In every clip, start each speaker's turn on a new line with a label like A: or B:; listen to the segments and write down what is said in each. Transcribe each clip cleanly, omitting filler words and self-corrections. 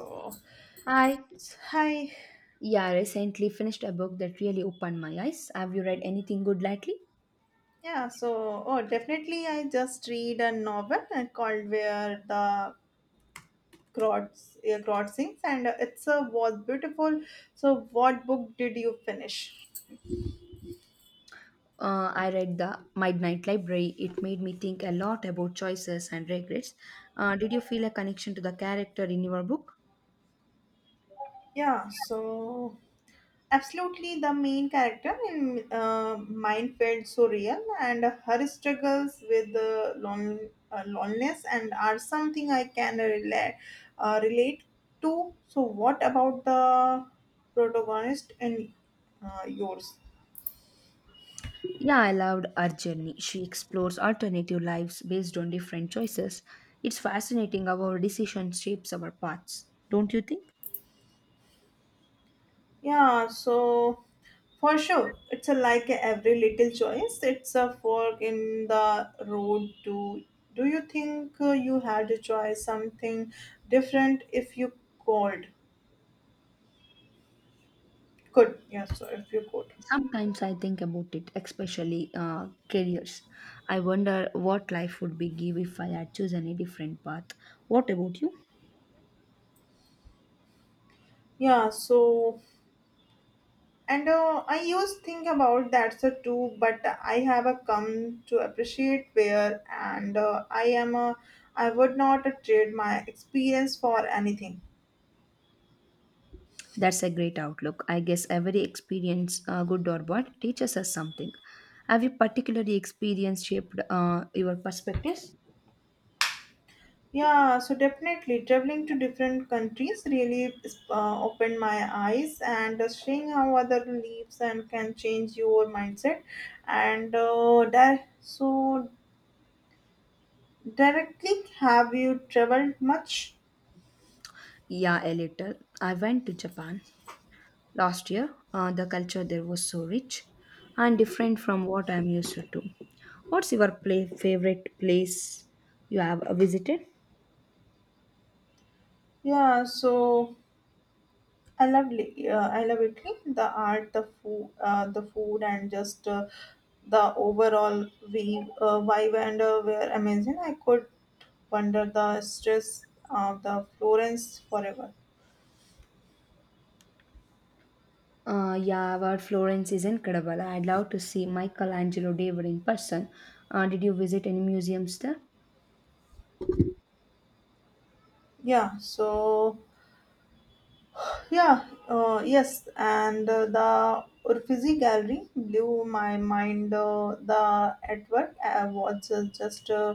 A: Oh,
B: Hi.
A: hi.
B: Yeah, I recently finished a book that really opened my eyes. Have you read anything good lately?
A: Yeah, so oh, definitely I just read a novel called Where the Crows Crowd Sings and it's a was beautiful. So what book did you finish?
B: I read The Midnight Library. It made me think a lot about choices and regrets. Did you feel a connection to the character in your book?
A: Yeah, so absolutely, the main character in Mind felt so real, and her struggles with loneliness and are something I can relate to. So, what about the protagonist in yours?
B: Yeah, I loved her journey. She explores alternative lives based on different choices. It's fascinating how our decision shapes our paths, don't you think?
A: Yeah, so for sure, it's a, like every little choice. It's a fork in the road. To Do you think you had a choice something different if you called? Good. Yeah. So if you could.
B: Sometimes I think about it, especially careers. I wonder what life would be give if I had chosen a different path. What about you?
A: Yeah. So and I used think about that so too, but I have a come to appreciate where and I am a I would not trade my experience for anything.
B: That's a great outlook. I guess every experience, good or bad, teaches us something. Have you particularly experienced shaped your perspectives?
A: Yeah. So definitely traveling to different countries really opened my eyes and seeing how other lives and can change your mindset and that so directly have you traveled much?
B: Yeah, a little. I went to Japan last year. The culture there was so rich and different from what I'm used to. What's your favorite place you have visited?
A: Yeah, so I love Italy. The art, the food, and just the overall vibe and were amazing. I could wander the stress of the Florence forever.
B: Yeah, our Florence is incredible. I'd love to see Michelangelo David in person. Did you visit any museums there?
A: Yeah, so yeah, yes, and the Uffizi Gallery blew my mind. The artwork was just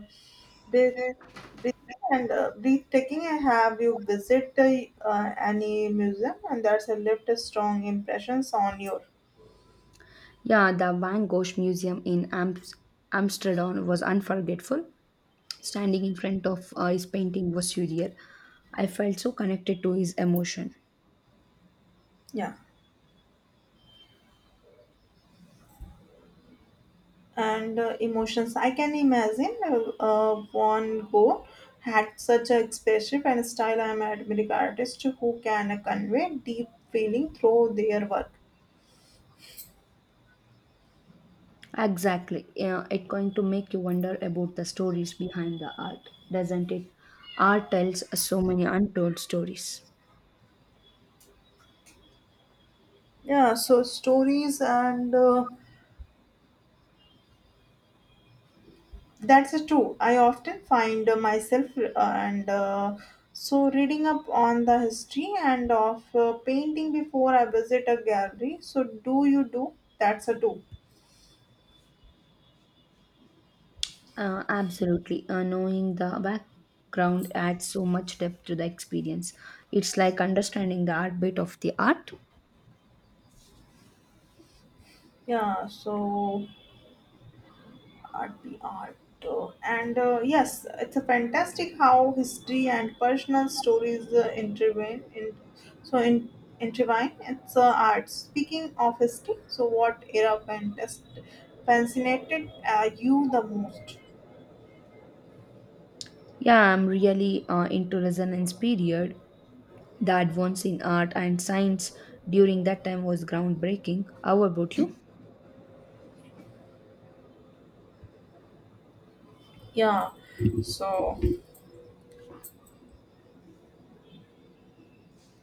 A: breath Breathing and breathtaking. I Have you visited any museum and that's have left a strong impressions on your
B: Yeah, the Van Gogh Museum in Amsterdam was unforgettable. Standing in front of his painting was surreal. I felt so connected to his emotion.
A: yeah and emotions? I can imagine Van Gogh had such a expressive and style. I'm admiring artists who can convey deep feeling through their work.
B: Exactly. Yeah, it's going to make you wonder about the stories behind the art, doesn't it? Art tells so many untold stories.
A: Yeah, so stories and. That's true. I often find myself and so reading up on the history and of painting before I visit a gallery. So do you do? That's a do.
B: Absolutely. Knowing the background adds so much depth to the experience. It's like understanding the art bit of the art.
A: Yeah. So art be art. And yes, it's a fantastic how history and personal stories intervene. In intertwine. It's art. Speaking of history, so what era fantastic fascinated you the most?
B: Yeah, I'm really into Resonance period. The advance in art and science during that time was groundbreaking. How about you?
A: Yeah, so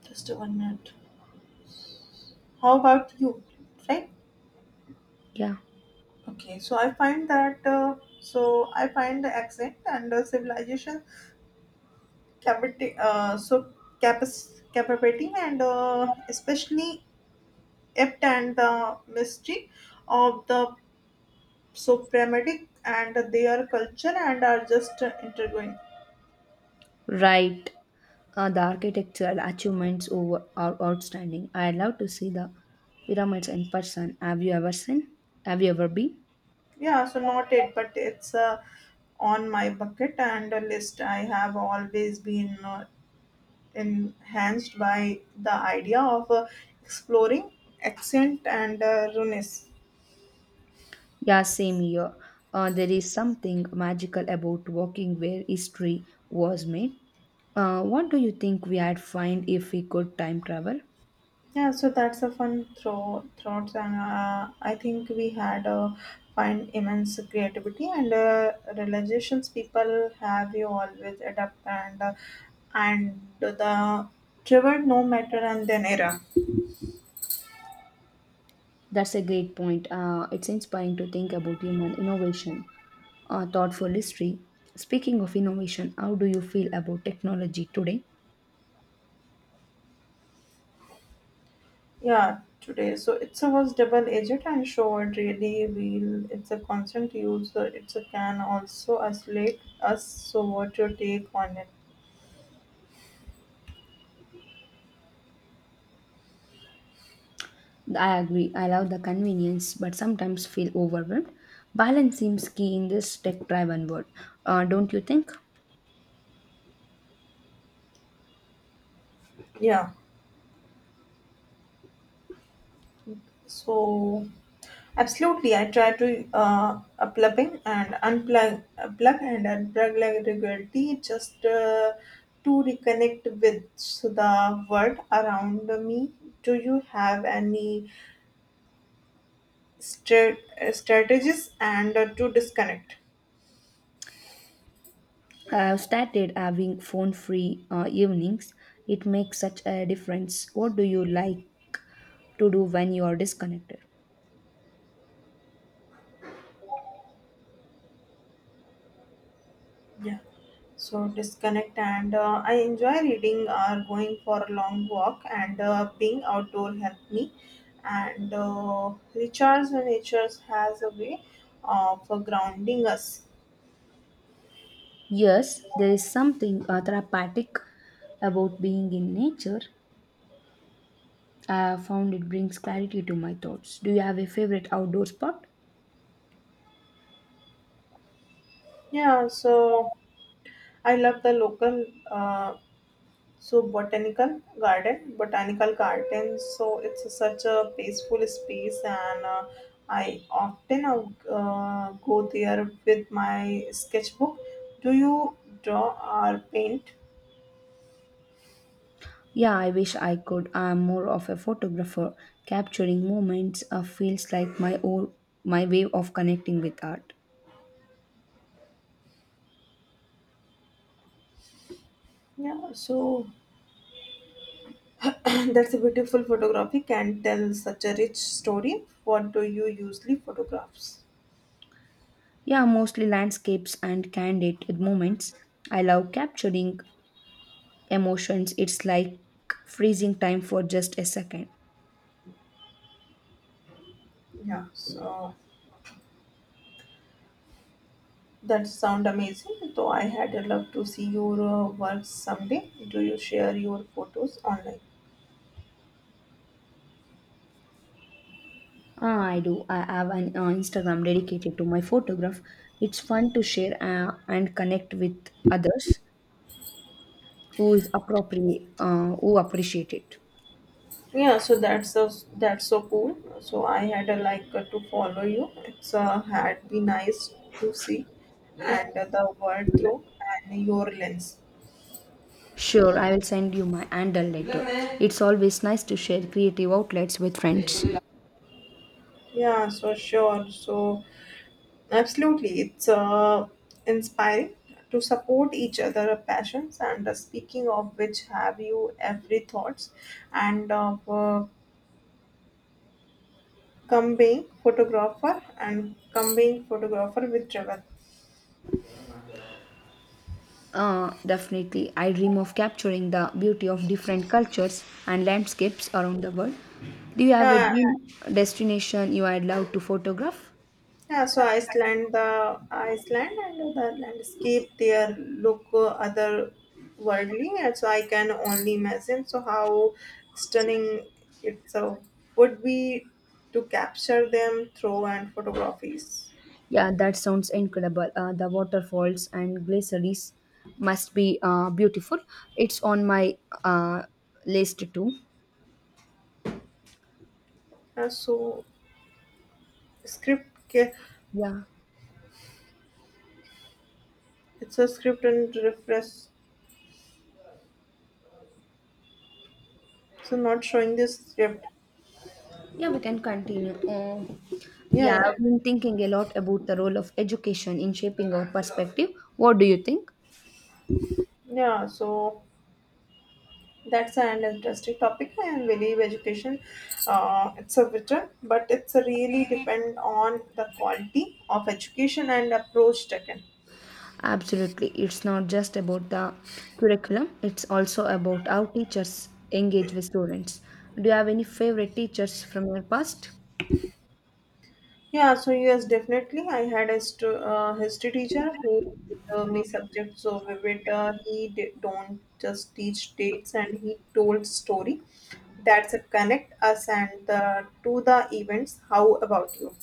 A: just a 1 minute. How about you? Right?
B: Yeah,
A: Okay, so I find the accent and civilization capacity uh, so capability and especially apt and the mystery of the so pragmatic and their culture and are just intriguing.
B: right. The architectural achievements over, are outstanding. I love to see the pyramids in person. Have you ever seen? Have you ever been?
A: Yeah, so not it, but it's on my bucket and a list. I have always been enhanced by the idea of exploring accent and runes.
B: Yeah, same here. There is something magical about walking where history was made. What do you think we had find if we could time travel?
A: Yeah, so that's a fun throw thoughts, and I think we had a find immense creativity and realizations people have you always adapt and the trevor no matter and then era.
B: That's a great point. It's inspiring to think about human innovation, thoughtful history. Speaking of innovation, how do you feel about technology today?
A: Yeah, today. So it's a was double agent and short really wheel. It's a constant use. So it's a can also isolate us. So what your take on it?
B: I agree. I love the convenience, but sometimes feel overwhelmed. Balance seems key in this tech-driven world, don't you think?
A: Yeah. So absolutely, I try to plug and unplug like regularly just to reconnect with the world around me. Do you have any strategies and to disconnect?
B: I've started having phone free evenings. It makes such a difference. What do you like to do when you are disconnected?
A: Yeah. So disconnect and I enjoy reading or going for a long walk and being outdoor help me and recharge. Nature has a way of grounding us.
B: Yes, there is something therapeutic about being in nature. I have found it brings clarity to my thoughts. Do you have a favorite outdoor spot?
A: Yeah, so I love the local botanical garden, so such a peaceful space and I often go there with my sketchbook. Do you draw or paint?
B: Yeah, I wish I could. I'm more of a photographer. Capturing moments feels like my own, my way of connecting with art.
A: Yeah, so that's a beautiful photography can tell such a rich story. What do you usually photographs?
B: Yeah, mostly landscapes and candid moments. I love capturing emotions. It's like freezing time for just a second.
A: Yeah, so that sound amazing. Though I had a love to see your works someday. Do you share your photos online?
B: Ah, I do. I have an Instagram dedicated to my photograph. It's fun to share and connect with others who is appropriate, who appreciate it.
A: Yeah, so that's so cool. So I had a like to follow you. It's had been nice to see and the world through and your lens.
B: Sure, I will send you my handle later. It's always nice to share creative outlets with friends.
A: Yeah, so sure. So absolutely, it's inspiring to support each other passions. And speaking of which, have you every thoughts and of combining photographer with travel?
B: Definitely. I dream of capturing the beauty of different cultures and landscapes around the world. Do you have a
A: Yeah,
B: dream destination you would love to photograph?
A: Yeah, so Iceland and the landscape there look otherworldly, and so I can only imagine. So how stunning it so would be to capture them through and photographies.
B: Yeah, that sounds incredible. The waterfalls and glaciers must be beautiful. It's on my uh, list too.
A: So script,
B: Yeah,
A: it's a script and reference. So not showing this script.
B: yeah, we can continue. Uh,
A: Yeah,
B: yeah,
A: yeah,
B: I've been thinking a lot about the role of education in shaping our perspective. What do you think?
A: yeah. So. That's an interesting topic. I believe education, it's a vital, but it's really depend on the quality of education and approach taken.
B: Absolutely. It's not just about the curriculum, it's also about how teachers engage with students. Do you have any favorite teachers from your past?
A: Yeah, so yes, definitely. I had a history teacher who me subject so vivid. He did, don't just teach dates, and he told story. That's it. Connect us and the, to the events. How about you?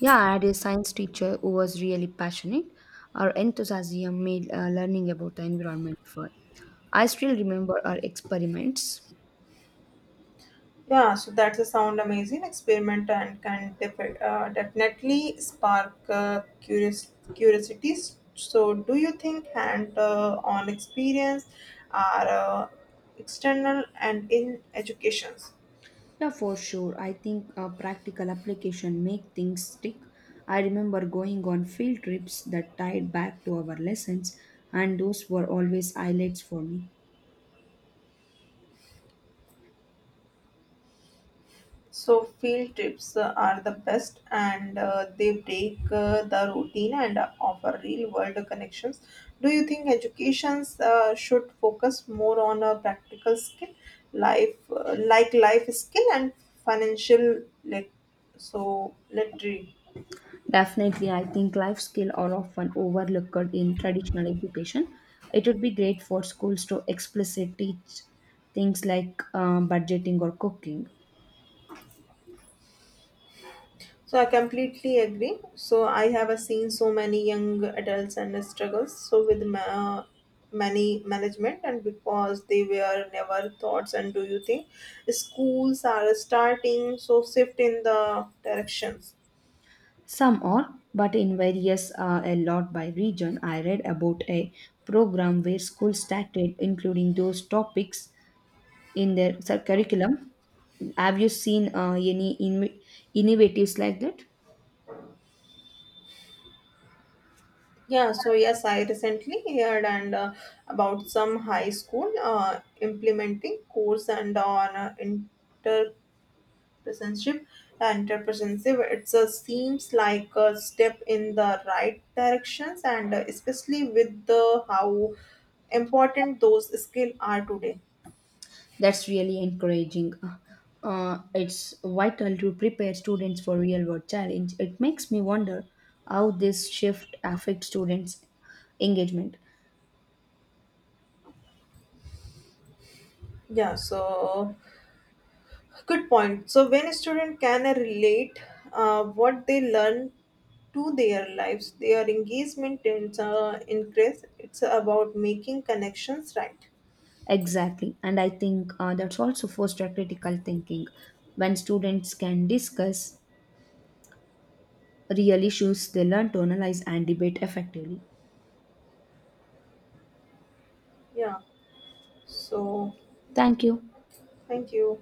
B: Yeah, I had a science teacher who was really passionate. Her enthusiasm made learning about the environment fun. I still remember our experiments.
A: Yeah, so that's a sound amazing experiment and can definitely spark curious curiosities. So, do you think hand-on experience are external and in educations?
B: Yeah, for sure. I think practical application make things stick. I remember going on field trips that tied back to our lessons, and those were always highlights for me.
A: So field trips are the best, and they break the routine and offer real-world connections. Do you think educations should focus more on a practical skill, life like life skill and financial literary?
B: Definitely, I think life skills are often overlooked in traditional education. It would be great for schools to explicitly teach things like budgeting or cooking.
A: So I completely agree. So I have seen so many young adults and struggles so with many management and because they were never thoughts and do you think schools are starting so shift in the directions.
B: Some are, but in various a lot by region. I read about a program where schools started including those topics in their curriculum. Have you seen any innovatives like that?
A: Yeah, so yes, I recently heard and about some high school implementing course and on uh, relationship and representative it seems like a step in the right directions and especially with the how important those skills are today.
B: That's really encouraging. It's vital to prepare students for real world challenge. It makes me wonder how this shift affects students' engagement.
A: Yeah, so good point. So when a student can relate what they learn to their lives, their engagement tends increase. It's about making connections, right?
B: Exactly. And I think that's also foster critical thinking. When students can discuss real issues, they learn to analyze and debate effectively.
A: Yeah, so
B: Thank you.
A: thank you.